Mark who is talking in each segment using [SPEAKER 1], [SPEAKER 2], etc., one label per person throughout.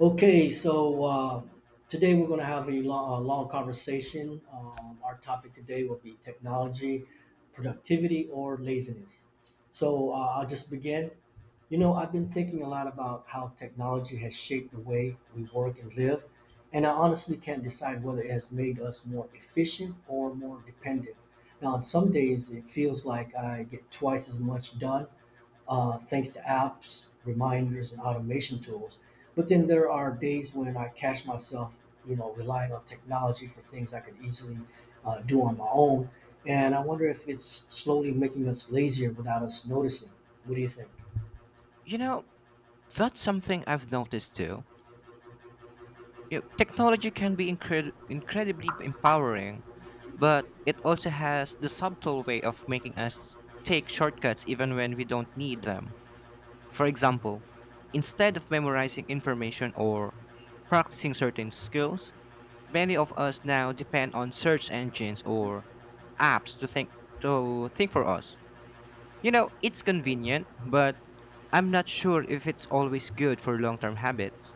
[SPEAKER 1] Okay, so uh, Today we're going to have a long conversation. Our topic today will be technology, productivity, or laziness. I'll just begin. You know, I've been thinking a lot about how technology has shaped the way we work and live, and I honestly can't decide whether it has made us more efficient or more dependent. Now, on some days, it feels like I get twice as much done thanks to apps, reminders, and automation tools. But then there are days when I catch myself, you know, relying on technology for things I could easily do on my own. And I wonder if it's slowly making us lazier without us noticing. What do you think?
[SPEAKER 2] You know, that's something I've noticed too. You know, technology can be incredibly empowering, but it also has the subtle way of making us take shortcuts even when we don't need them. For example, instead of memorizing information or practicing certain skills, many of us now depend on search engines or apps to think for us. You know, it's convenient, but I'm not sure if it's always good for long term habits.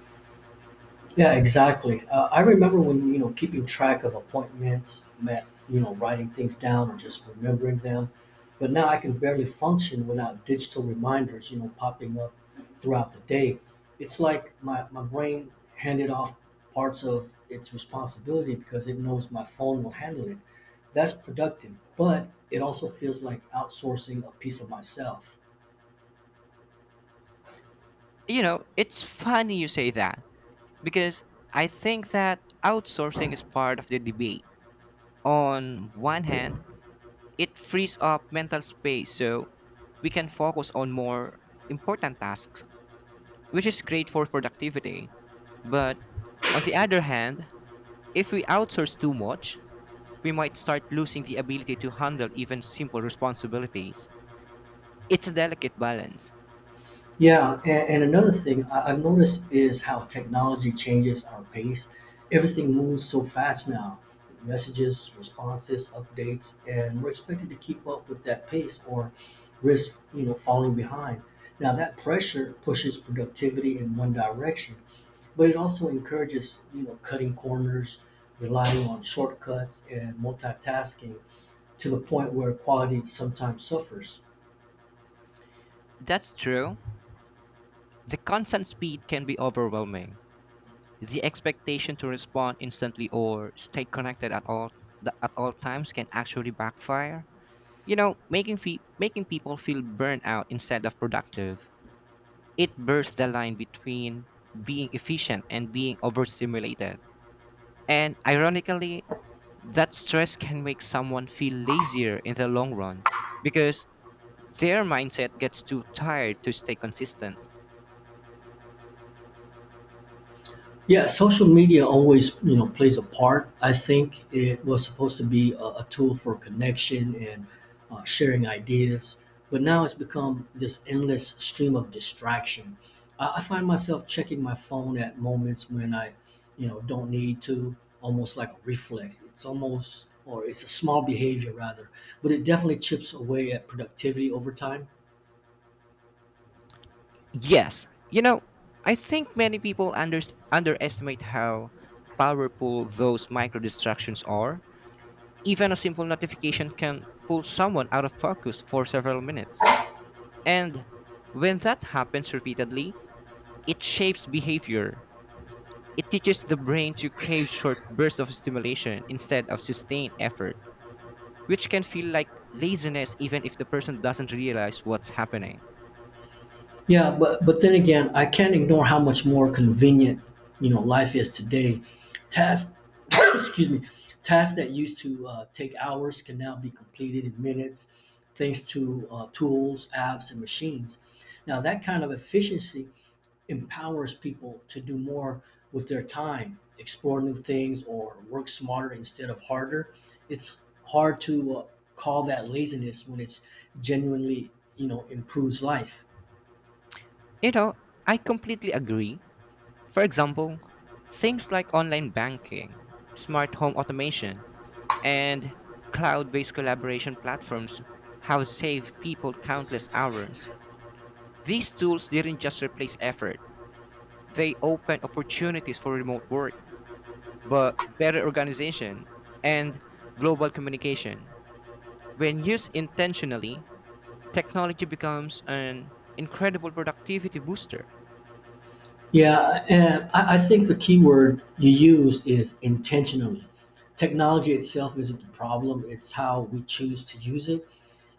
[SPEAKER 1] Yeah, exactly. I remember when, you know, keeping track of appointments meant, you know, writing things down or just remembering them. But now I can barely function without digital reminders, you know, popping up throughout the day. It's like my brain handed off parts of its responsibility because it knows my phone will handle it. That's productive, but it also feels like outsourcing a piece of myself.
[SPEAKER 2] You know, it's funny you say that because I think that outsourcing is part of the debate. On one hand, it frees up mental space so we can focus on more important tasks, which is great for productivity. But on the other hand, if we outsource too much, we might start losing the ability to handle even simple responsibilities. It's a delicate balance.
[SPEAKER 1] Yeah, and another thing I've noticed is how technology changes our pace. Everything moves so fast now. Messages, responses, updates, and we're expected to keep up with that pace or risk, you know, falling behind. Now that pressure pushes productivity in one direction, but it also encourages, you know, cutting corners, relying on shortcuts and multitasking to the point where quality sometimes suffers.
[SPEAKER 2] That's true. The constant speed can be overwhelming. The expectation to respond instantly or stay connected at all times can actually backfire. You know, making people feel burnt out instead of productive. It blurs the line between being efficient and being overstimulated. And ironically, that stress can make someone feel lazier in the long run because their mindset gets too tired to stay consistent.
[SPEAKER 1] Yeah, social media always, you know, plays a part. I think it was supposed to be a tool for connection and sharing ideas, but now it's become this endless stream of distraction. I find myself checking my phone at moments when I don't need to, almost like a reflex. It's almost, or it's a small behavior rather, but it definitely chips away at productivity over time.
[SPEAKER 2] Yes. You know, I think many people underestimate how powerful those micro distractions are. Even a simple notification can pull someone out of focus for several minutes. And when that happens repeatedly, it shapes behavior. It teaches the brain to crave short bursts of stimulation instead of sustained effort, which can feel like laziness even if the person doesn't realize what's happening.
[SPEAKER 1] Yeah, but then again, I can't ignore how much more convenient life is today. Tasks, excuse me, tasks that used to take hours can now be completed in minutes, thanks to tools, apps, and machines. Now that kind of efficiency empowers people to do more with their time, explore new things, or work smarter instead of harder. It's hard to call that laziness when it's genuinely improves life.
[SPEAKER 2] You know, I completely agree. For example, things like online banking, smart home automation, and cloud based collaboration platforms have saved people countless hours. These tools didn't just replace effort, they opened opportunities for remote work, but better organization and global communication. When used intentionally, technology becomes an incredible productivity booster.
[SPEAKER 1] Yeah, and I think the key word you use is intentionally. Technology itself isn't the problem, it's how we choose to use it.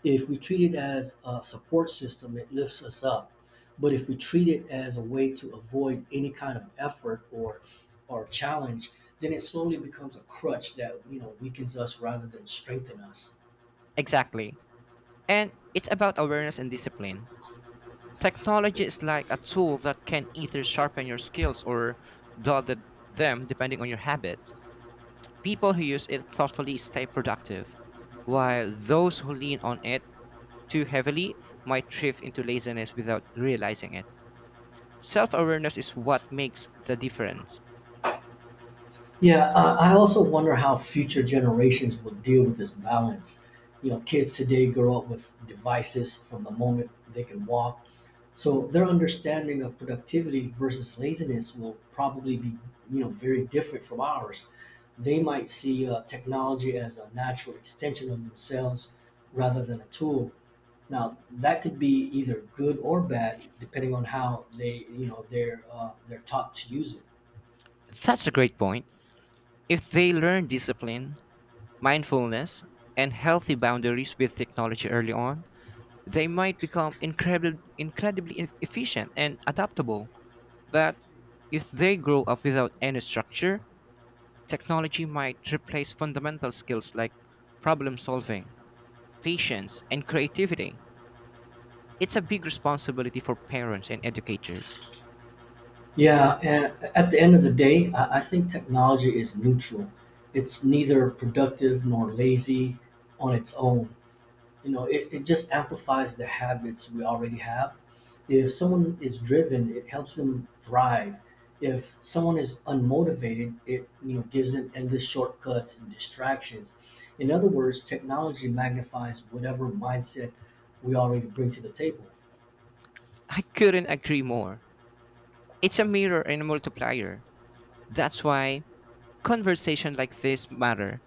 [SPEAKER 1] If we treat it as a support system, it lifts us up. But if we treat it as a way to avoid any kind of effort or challenge, then it slowly becomes a crutch that weakens us rather than strengthen us.
[SPEAKER 2] Exactly. And it's about awareness and discipline. Technology is like a tool that can either sharpen your skills or dull them depending on your habits. People who use it thoughtfully stay productive, while those who lean on it too heavily might drift into laziness without realizing it. Self awareness is what makes the difference.
[SPEAKER 1] Yeah, I also wonder how future generations will deal with this balance. You know, kids today grow up with devices from the moment they can walk, so their understanding of productivity versus laziness will probably be, you know, very different from ours. They might see technology as a natural extension of themselves rather than a tool. Now, that could be either good or bad, depending on how they're taught to use it.
[SPEAKER 2] That's a great point. If they learn discipline, mindfulness, and healthy boundaries with technology early on, they might become incredibly efficient and adaptable. That if they grow up without any structure, technology might replace fundamental skills like problem solving, patience, and creativity. It's a big responsibility for parents and educators.
[SPEAKER 1] Yeah, and at the end of the day, I think technology is neutral. It's neither productive nor lazy on its own. You know, it just amplifies the habits we already have. If someone is driven, it helps them thrive. If someone is unmotivated, it gives them endless shortcuts and distractions. In other words, technology magnifies whatever mindset we already bring to the table.
[SPEAKER 2] I couldn't agree more. It's a mirror and a multiplier. That's why conversations like this matter.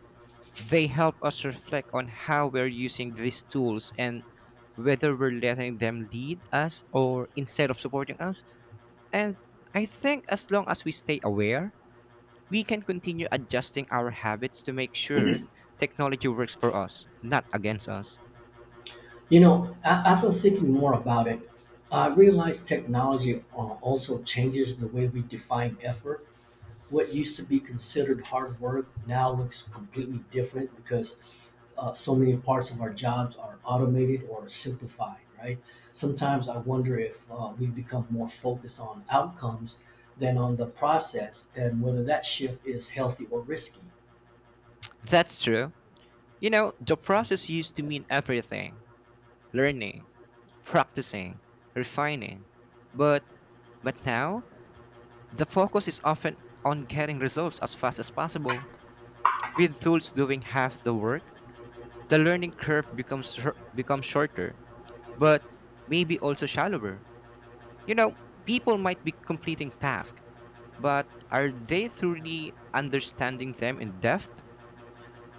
[SPEAKER 2] They help us reflect on how we're using these tools and whether we're letting them lead us or instead of supporting us. And I think as long as we stay aware, we can continue adjusting our habits to make sure technology works for us, not against us.
[SPEAKER 1] As I was thinking more about it, I realized technology also changes the way we define effort. What used to be considered hard work now looks completely different because so many parts of our jobs are automated or simplified, right? Sometimes I wonder if we become more focused on outcomes than on the process and whether that shift is healthy or risky.
[SPEAKER 2] That's true. You know, the process used to mean everything: learning, practicing, refining. But but now, the focus is often on getting results as fast as possible. With tools doing half the work, the learning curve becomes shorter, but maybe also shallower. You know, people might be completing tasks, but are they truly understanding them in depth?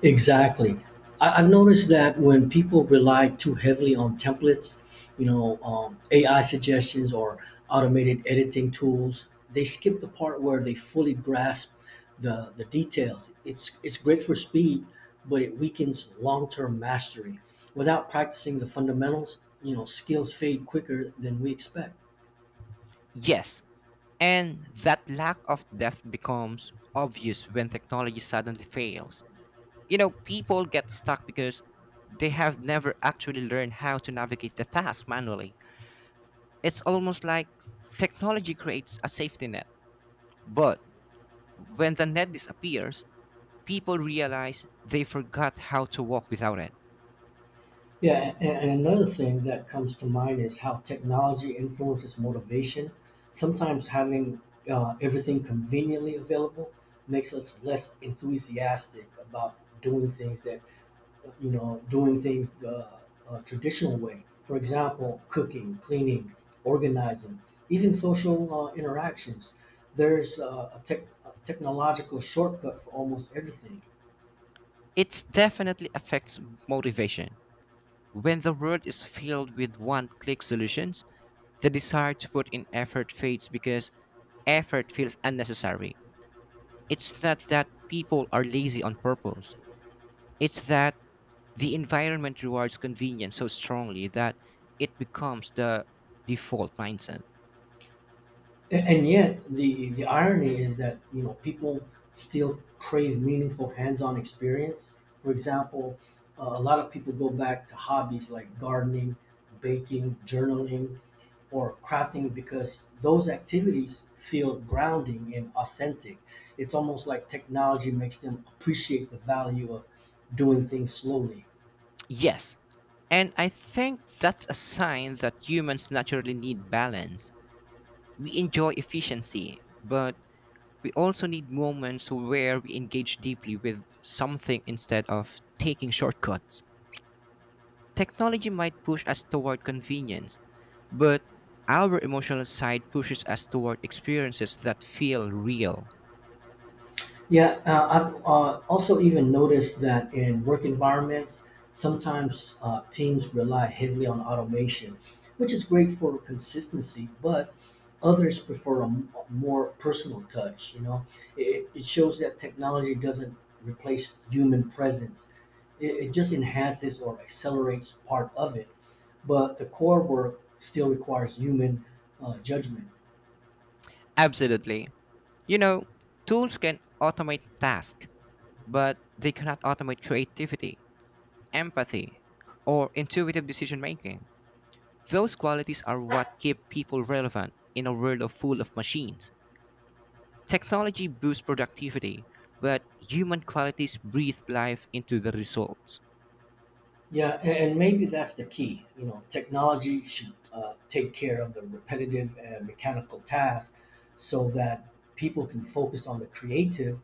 [SPEAKER 1] Exactly. I've noticed that when people rely too heavily on templates, AI suggestions or automated editing tools, they skip the part where they fully grasp the details. It's great for speed, but it weakens long term mastery. Without practicing the fundamentals, you know, skills fade quicker than we expect.
[SPEAKER 2] Yes, and that lack of depth becomes obvious when technology suddenly fails. You know, people get stuck because they have never actually learned how to navigate the task manually. It's almost like technology creates a safety net. But when the net disappears, people realize they forgot how to walk without it.
[SPEAKER 1] Yeah, and another thing that comes to mind is how technology influences motivation. Sometimes having everything conveniently available makes us less enthusiastic about doing things that, you know, doing things the traditional way. For example, cooking, cleaning, organizing, even social interactions. There's a technological shortcut for almost everything.
[SPEAKER 2] It definitely affects motivation. When the world is filled with one click solutions, the desire to put in effort fades because effort feels unnecessary. It's not that people are lazy on purpose, it's that the environment rewards convenience so strongly that it becomes the default mindset.
[SPEAKER 1] And yet, the irony is that people still crave meaningful hands-on experience. For example, a lot of people go back to hobbies like gardening, baking, journaling, or crafting because those activities feel grounding and authentic. It's almost like technology makes them appreciate the value of doing things slowly.
[SPEAKER 2] Yes, and I think that's a sign that humans naturally need balance. We enjoy efficiency, but we also need moments where we engage deeply with something instead of taking shortcuts. Technology might push us toward convenience, but our emotional side pushes us toward experiences that feel real.
[SPEAKER 1] Yeah, I've also even noticed that in work environments, sometimes teams rely heavily on automation, which is great for consistency, but others prefer a more personal touch. You know, it shows that technology doesn't replace human presence, it just enhances or accelerates part of it. But the core work still requires human judgment.
[SPEAKER 2] Absolutely. You know, tools can automate tasks, but they cannot automate creativity, empathy, or intuitive decision making. Those qualities are what keep people relevant in a world of full of machines. Technology boosts productivity, but human qualities breathe life into the results.
[SPEAKER 1] Yeah, and maybe that's the key. You know, technology should take care of the repetitive and mechanical tasks so that people can focus on the creative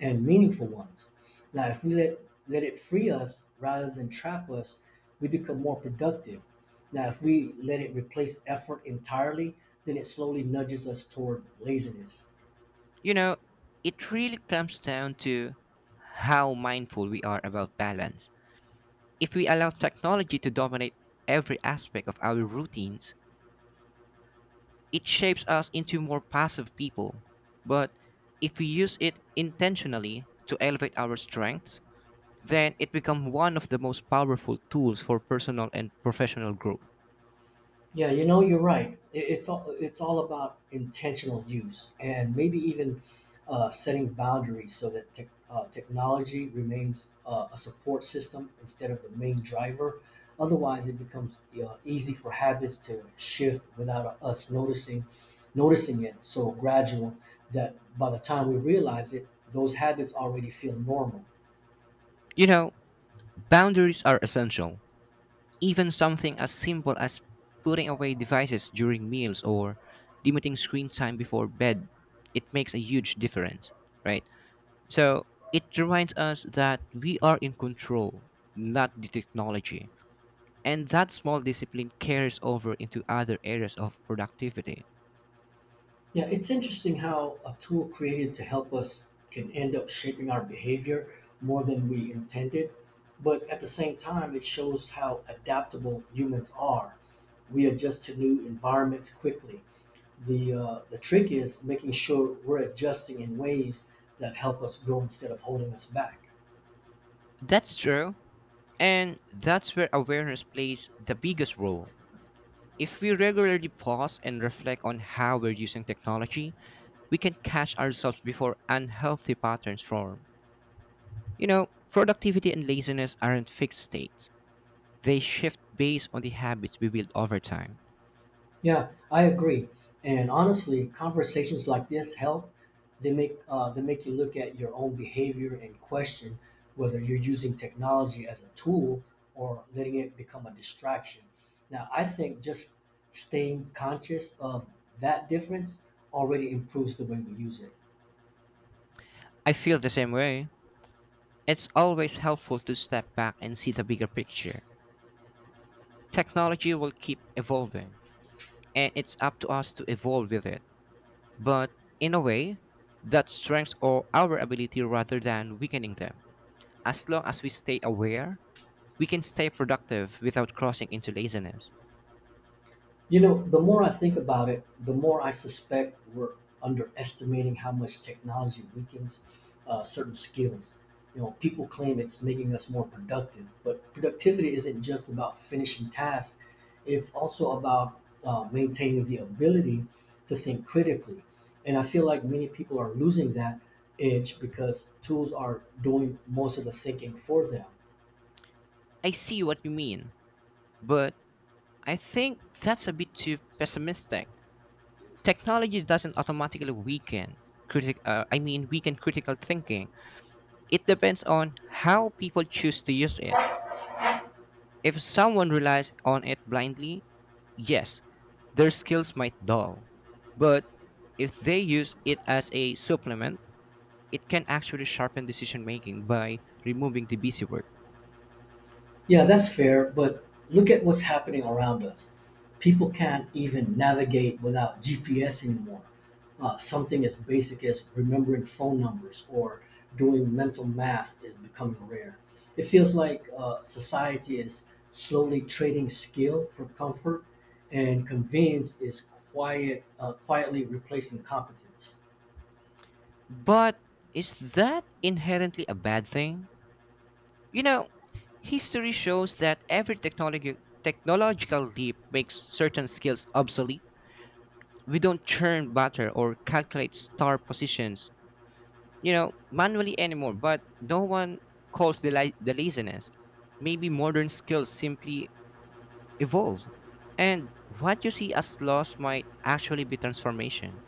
[SPEAKER 1] and meaningful ones. Now, if let it free us rather than trap us, we become more productive. Now, if we let it replace effort entirely, then it slowly nudges us toward laziness.
[SPEAKER 2] You know, it really comes down to how mindful we are about balance. If we allow technology to dominate every aspect of our routines, it shapes us into more passive people. But if we use it intentionally to elevate our strengths, then it becomes one of the most powerful tools for personal and professional growth.
[SPEAKER 1] Yeah, you know, you're right. It's all about intentional use and maybe even setting boundaries so that technology remains a support system instead of the main driver. Otherwise, it becomes easy for habits to shift without us noticing it. So gradual that by the time we realize it, those habits already feel normal.
[SPEAKER 2] You know, boundaries are essential. Even something as simple as putting away devices during meals or limiting screen time before bed, it makes a huge difference, right? So, it reminds us that we are in control, not the technology. And that small discipline carries over into other areas of productivity.
[SPEAKER 1] Yeah, it's interesting how a tool created to help us can end up shaping our behavior more than we intended. But at the same time, it shows how adaptable humans are. We adjust to new environments quickly. The trick is making sure we're adjusting in ways that help us grow instead of holding us back.
[SPEAKER 2] That's true. And that's where awareness plays the biggest role. If we regularly pause and reflect on how we're using technology, we can catch ourselves before unhealthy patterns form. You know, productivity and laziness aren't fixed states, they shift based on the habits we build over time.
[SPEAKER 1] Yeah, I agree. And honestly, conversations like this help. They make you look at your own behavior and question whether you're using technology as a tool or letting it become a distraction. Now, I think just staying conscious of that difference already improves the way we use it.
[SPEAKER 2] I feel the same way. It's always helpful to step back and see the bigger picture. Technology will keep evolving, and it's up to us to evolve with it. But in a way, that strengthens all our ability rather than weakening them. As long as we stay aware, we can stay productive without crossing into laziness.
[SPEAKER 1] You know, the more I think about it, the more I suspect we're underestimating how much technology weakens certain skills. You know, people claim it's making us more productive, but productivity isn't just about finishing tasks, it's also about maintaining the ability to think critically. And I feel like many people are losing that edge because tools are doing most of the thinking for them.
[SPEAKER 2] I see what you mean, but I think that's a bit too pessimistic. Technology doesn't automatically weaken critic I mean weaken critical thinking. It depends on how people choose to use it. If someone relies on it blindly, yes, their skills might dull. But if they use it as a supplement, it can actually sharpen decision making by removing the busy work.
[SPEAKER 1] Yeah, that's fair, but look at what's happening around us. People can't even navigate without GPS anymore. Something as basic as remembering phone numbers or doing mental math is becoming rare. It feels like society is slowly trading skill for comfort, and convenience is quietly replacing competence.
[SPEAKER 2] But is that inherently a bad thing? You know, history shows that every technological leap makes certain skills obsolete. We don't churn butter or calculate star positions, you know, manually anymore, but no one calls the laziness. Maybe modern skills simply evolve. And what you see as loss might actually be transformation.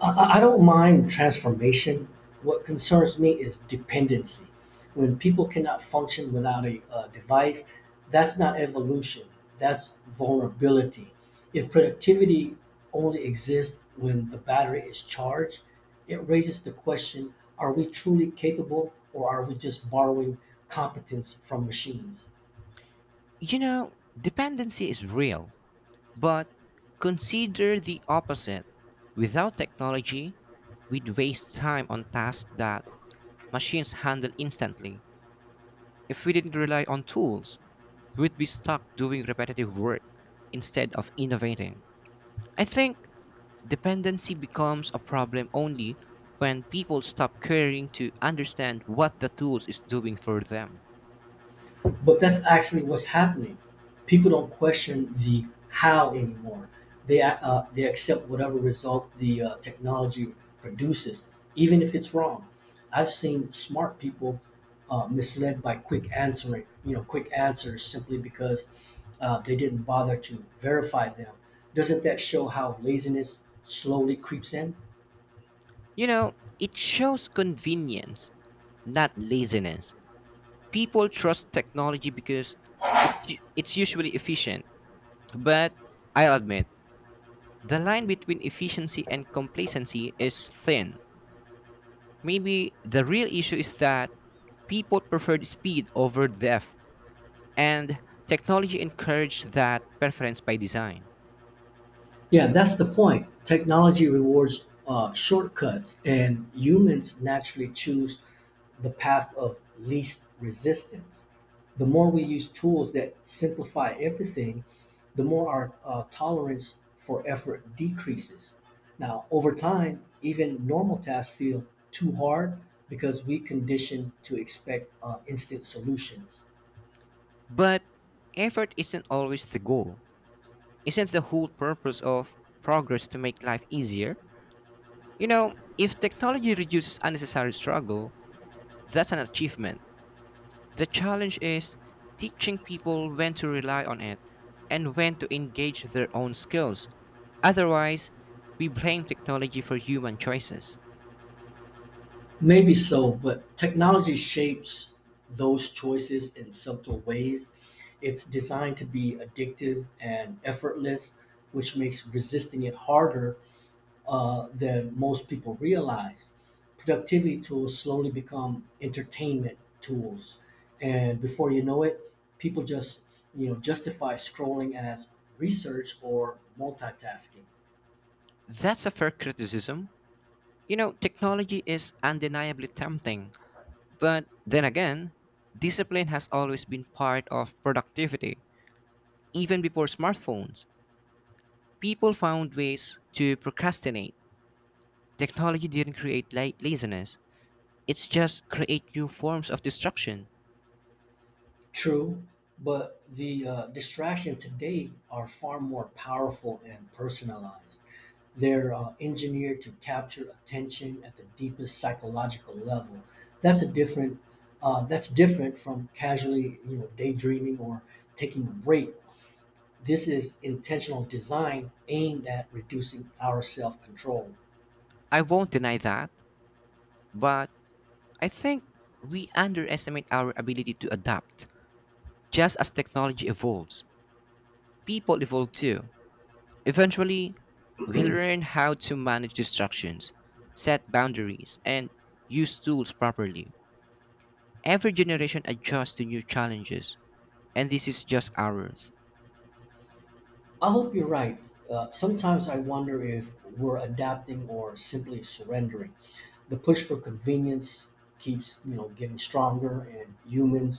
[SPEAKER 1] I don't mind transformation. What concerns me is dependency. When people cannot function without a device, that's not evolution, that's vulnerability. If productivity only exists when the battery is charged, it raises the question are we truly capable or are we just borrowing competence from machines?
[SPEAKER 2] You know, dependency is real. But consider the opposite. Without technology, we'd waste time on tasks that machines handle instantly. If we didn't rely on tools, we'd be stuck doing repetitive work instead of innovating. I think dependency becomes a problem only when people stop caring to understand what the tools is doing for them.
[SPEAKER 1] But that's actually what's happening. People don't question the how anymore. They accept whatever result the technology produces, even if it's wrong. I've seen smart people misled by quick answering, you know, quick answers simply because they didn't bother to verify them. Doesn't that show how laziness slowly creeps in?
[SPEAKER 2] You know, it shows convenience, not laziness. People trust technology because it's usually efficient. But I'll admit the line between efficiency and complacency is thin. Maybe the real issue is that people preferred speed over depth, and technology encouraged that preference by design.
[SPEAKER 1] Yeah, that's the point. Technology rewards shortcuts, and humans naturally choose the path of least resistance. The more we use tools that simplify everything, the more our tolerance for effort decreases. Now, over time, even normal tasks feel too hard because we condition to expect instant solutions.
[SPEAKER 2] But effort isn't always the goal. Isn't the whole purpose of progress to make life easier? You know, if technology reduces unnecessary struggle, that's an achievement. The challenge is teaching people when to rely on it and when to engage their own skills. Otherwise, we blame technology for human choices.
[SPEAKER 1] Maybe so, but technology shapes those choices in subtle ways. It's designed to be addictive and effortless, which makes resisting it harder than most people realize. Productivity tools slowly become entertainment tools, and before you know it, people just justify scrolling as research or multitasking.
[SPEAKER 2] That's a fair criticism. You know, technology is undeniably tempting, but then again, discipline has always been part of productivity. Even before smartphones, people found ways to procrastinate. Technology didn't create laziness, it's just create new forms of destruction.
[SPEAKER 1] True, but the distraction today are far more powerful and personalized. They're engineered to capture attention at the deepest psychological level. That's a different. That's different from casually, daydreaming or taking a break. This is intentional design aimed at reducing our self-control.
[SPEAKER 2] I won't deny that, but I think we underestimate our ability to adapt. Just as technology evolves, people evolve too. Eventually, we learn how to manage distractions, set boundaries, and use tools properly. Every generation adjusts to new challenges, and this is just ours.
[SPEAKER 1] I hope you're right. Sometimes I wonder if we're adapting or simply surrendering. The push for convenience keeps getting stronger, and humans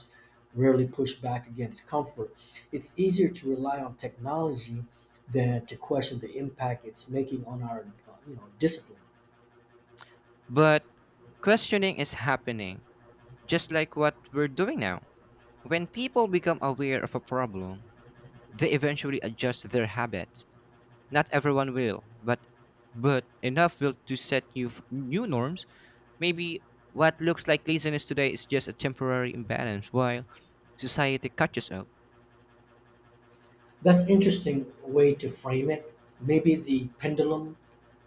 [SPEAKER 1] rarely push back against comfort. It's easier to rely on technology than to question the impact it's making on our discipline.
[SPEAKER 2] But questioning is happening, just like what we're doing now. When people become aware of a problem, they eventually adjust their habits. Not everyone will, but enough will to set new norms. Maybe what looks like laziness today is just a temporary imbalance while society catches up.
[SPEAKER 1] That's interesting way to frame it. Maybe the pendulum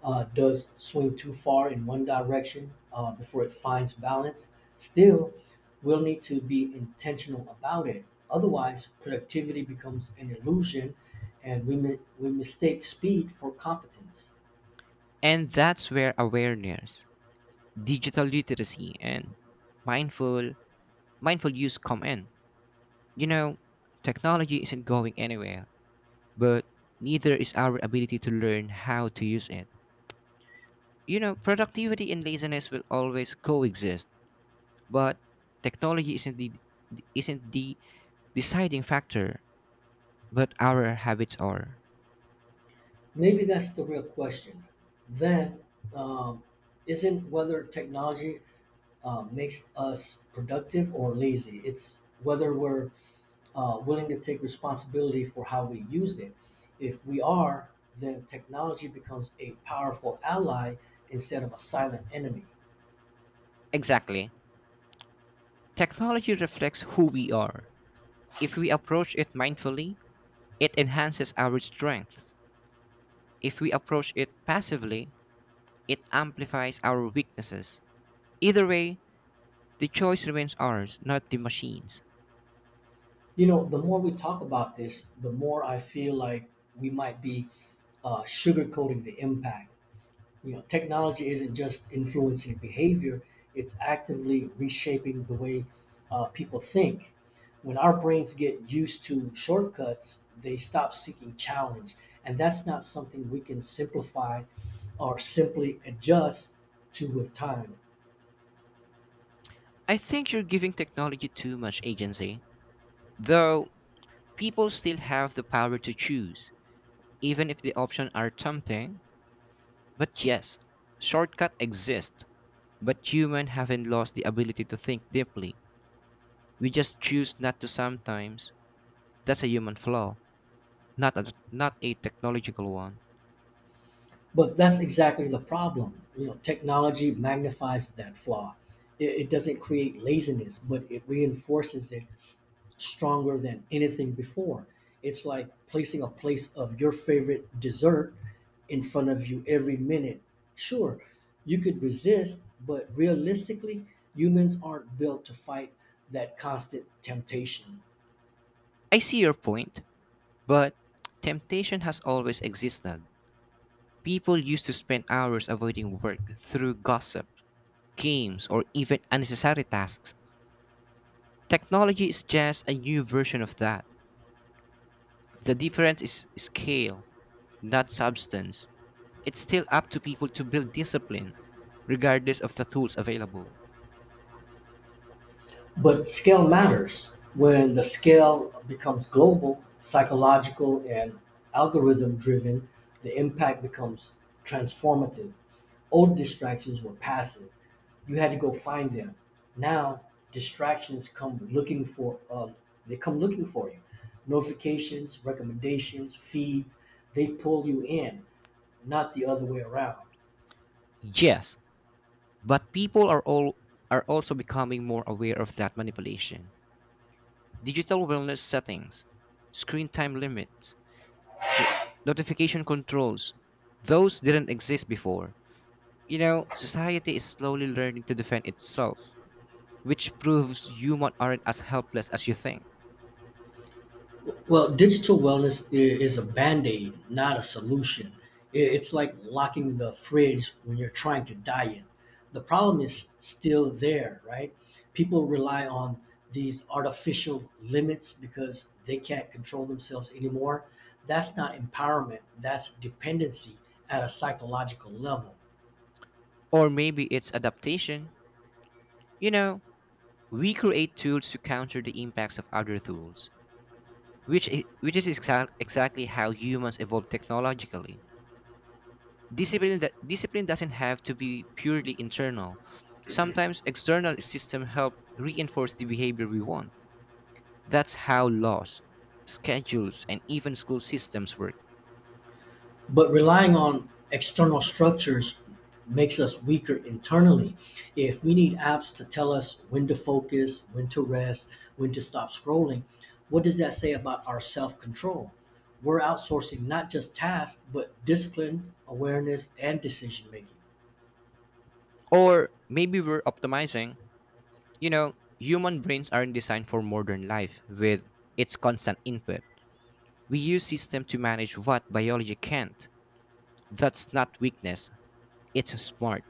[SPEAKER 1] does swing too far in one direction before it finds balance. Still, we'll need to be intentional about it. Otherwise, productivity becomes an illusion, and we mistake speed for competence.
[SPEAKER 2] And that's where awareness, digital literacy, and mindful mindful use come in. You know, technology isn't going anywhere, but neither is our ability to learn how to use it. You know, productivity and laziness will always coexist, but technology isn't the deciding factor, but our habits are.
[SPEAKER 1] Maybe that's the real question. Then, um, isn't whether technology makes us productive or lazy, it's whether we're willing to take responsibility for how we use it. If we are, then technology becomes a powerful ally instead of a silent enemy.
[SPEAKER 2] Exactly. Technology reflects who we are. If we approach it mindfully, it enhances our strengths. If we approach it passively, it amplifies our weaknesses. Either way, the choice remains ours, not the machines.
[SPEAKER 1] You know, the more we talk about this, the more I feel like we might be sugarcoating the impact. You know, technology isn't just influencing behavior, it's actively reshaping the way people think. When our brains get used to shortcuts, they stop seeking challenge. And that's not something we can simplify or simply adjust to with time.
[SPEAKER 2] I think you're giving technology too much agency, though people still have the power to choose, even if the options are tempting. But yes, shortcuts exist, but humans haven't lost the ability to think deeply. We just choose not to sometimes. That's a human flaw, not a technological one.
[SPEAKER 1] But that's exactly the problem. You know, technology magnifies that flaw. It doesn't create laziness, but it reinforces it stronger than anything before. It's like placing a place of your favorite dessert in front of you every minute. Sure, you could resist, but realistically, humans aren't built to fight that constant temptation.
[SPEAKER 2] I see your point, but temptation has always existed. People used to spend hours avoiding work through gossip games, or even unnecessary tasks. Technology is just a new version of that. The difference is scale, not substance. It's still up to people to build discipline, regardless of the tools available.
[SPEAKER 1] But scale matters. When the scale becomes global, psychological, and algorithm driven, the impact becomes transformative. Old distractions were passive. You had to go find them. Now distractions come looking for they come looking for you. Notifications, recommendations, feeds, they pull you in, not the other way around.
[SPEAKER 2] Yes, but people are also becoming more aware of that manipulation. Digital wellness settings, screen time limits, notification controls, those didn't exist before. You know, society is slowly learning to defend itself, which proves humans aren't as helpless as you think.
[SPEAKER 1] Well, digital wellness is a band aid, not a solution. I- It's like locking the fridge when you're trying to diet. The problem is still there, right? People rely on these artificial limits because they can't control themselves anymore. That's not empowerment, that's dependency at a psychological level.
[SPEAKER 2] Or maybe it's adaptation. You know, we create tools to counter the impacts of other tools, which is exactly how humans evolve technologically. Discipline doesn't have to be purely internal. Sometimes external systems help reinforce the behavior we want. That's how laws, schedules, and even school systems work.
[SPEAKER 1] But relying on external structures makes us weaker internally. If we need apps to tell us when to focus, when to rest, when to stop scrolling, what does that say about our self control? We're outsourcing not just tasks, but discipline, awareness, and decision making.
[SPEAKER 2] Or maybe we're optimizing. You know, human brains aren't designed for modern life with its constant input. We use systems to manage what biology can't. That's not weakness, it's smart.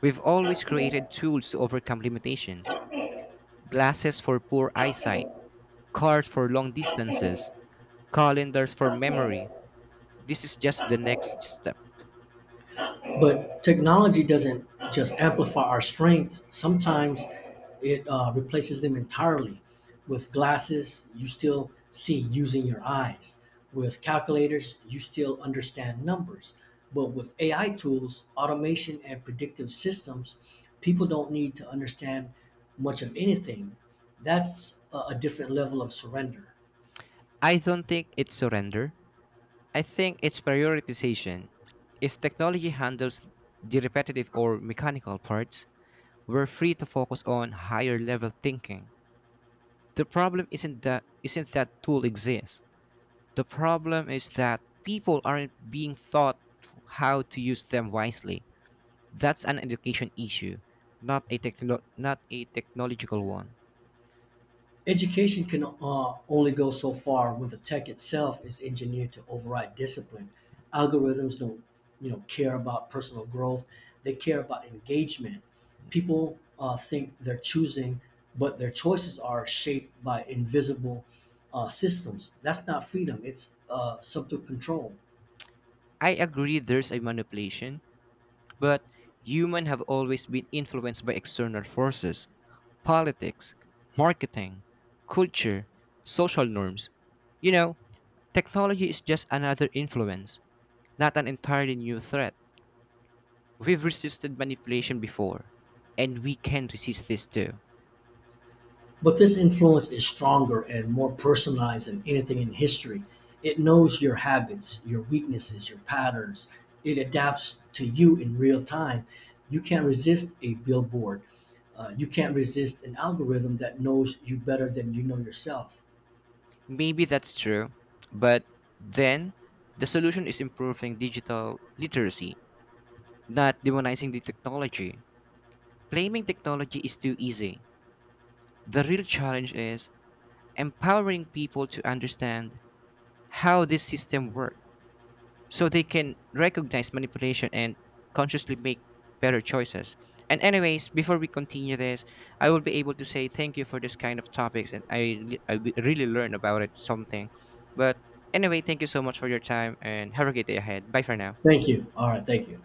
[SPEAKER 2] We've always created tools to overcome limitations: glasses for poor eyesight, cars for long distances, calendars for memory. This is just the next step.
[SPEAKER 1] But technology doesn't just amplify our strengths. Sometimes it replaces them entirely. With glasses, you still see using your eyes. With calculators, you still understand numbers. But with AI tools, automation, and predictive systems, people don't need to understand much of anything. That's a different level of surrender.
[SPEAKER 2] I don't think it's surrender. I think it's prioritization. If technology handles the repetitive or mechanical parts, we're free to focus on higher level thinking. The problem isn't that tool exists. The problem is that people aren't being taught how to use them wisely. That's an education issue, not a technological one.
[SPEAKER 1] Education can only go so far when the tech itself is engineered to override discipline. Algorithms don't, you know, care about personal growth. They care about engagement. People think they're choosing, but their choices are shaped by invisible systems. That's not freedom. It's subtle control.
[SPEAKER 2] I agree there's a manipulation, but humans have always been influenced by external forces: politics, marketing, culture, social norms. You know, technology is just another influence, not an entirely new threat. We've resisted manipulation before, and we can resist this too.
[SPEAKER 1] But this influence is stronger and more personalized than anything in history. It knows your habits, your weaknesses, your patterns. It adapts to you in real time. You can't resist a billboard. You can't resist an algorithm that knows you better than you know yourself.
[SPEAKER 2] Maybe that's true, but then the solution is improving digital literacy, not demonizing the technology. Blaming technology is too easy. The real challenge is empowering people to understand how this system works, so they can recognize manipulation and consciously make better choices. And anyways, before we continue this, I will be able to say thank you for this kind of topics and I really learned about it something. But anyway, thank you so much for your time and have a great day ahead. Bye for now.
[SPEAKER 1] Thank you. All right. Thank you.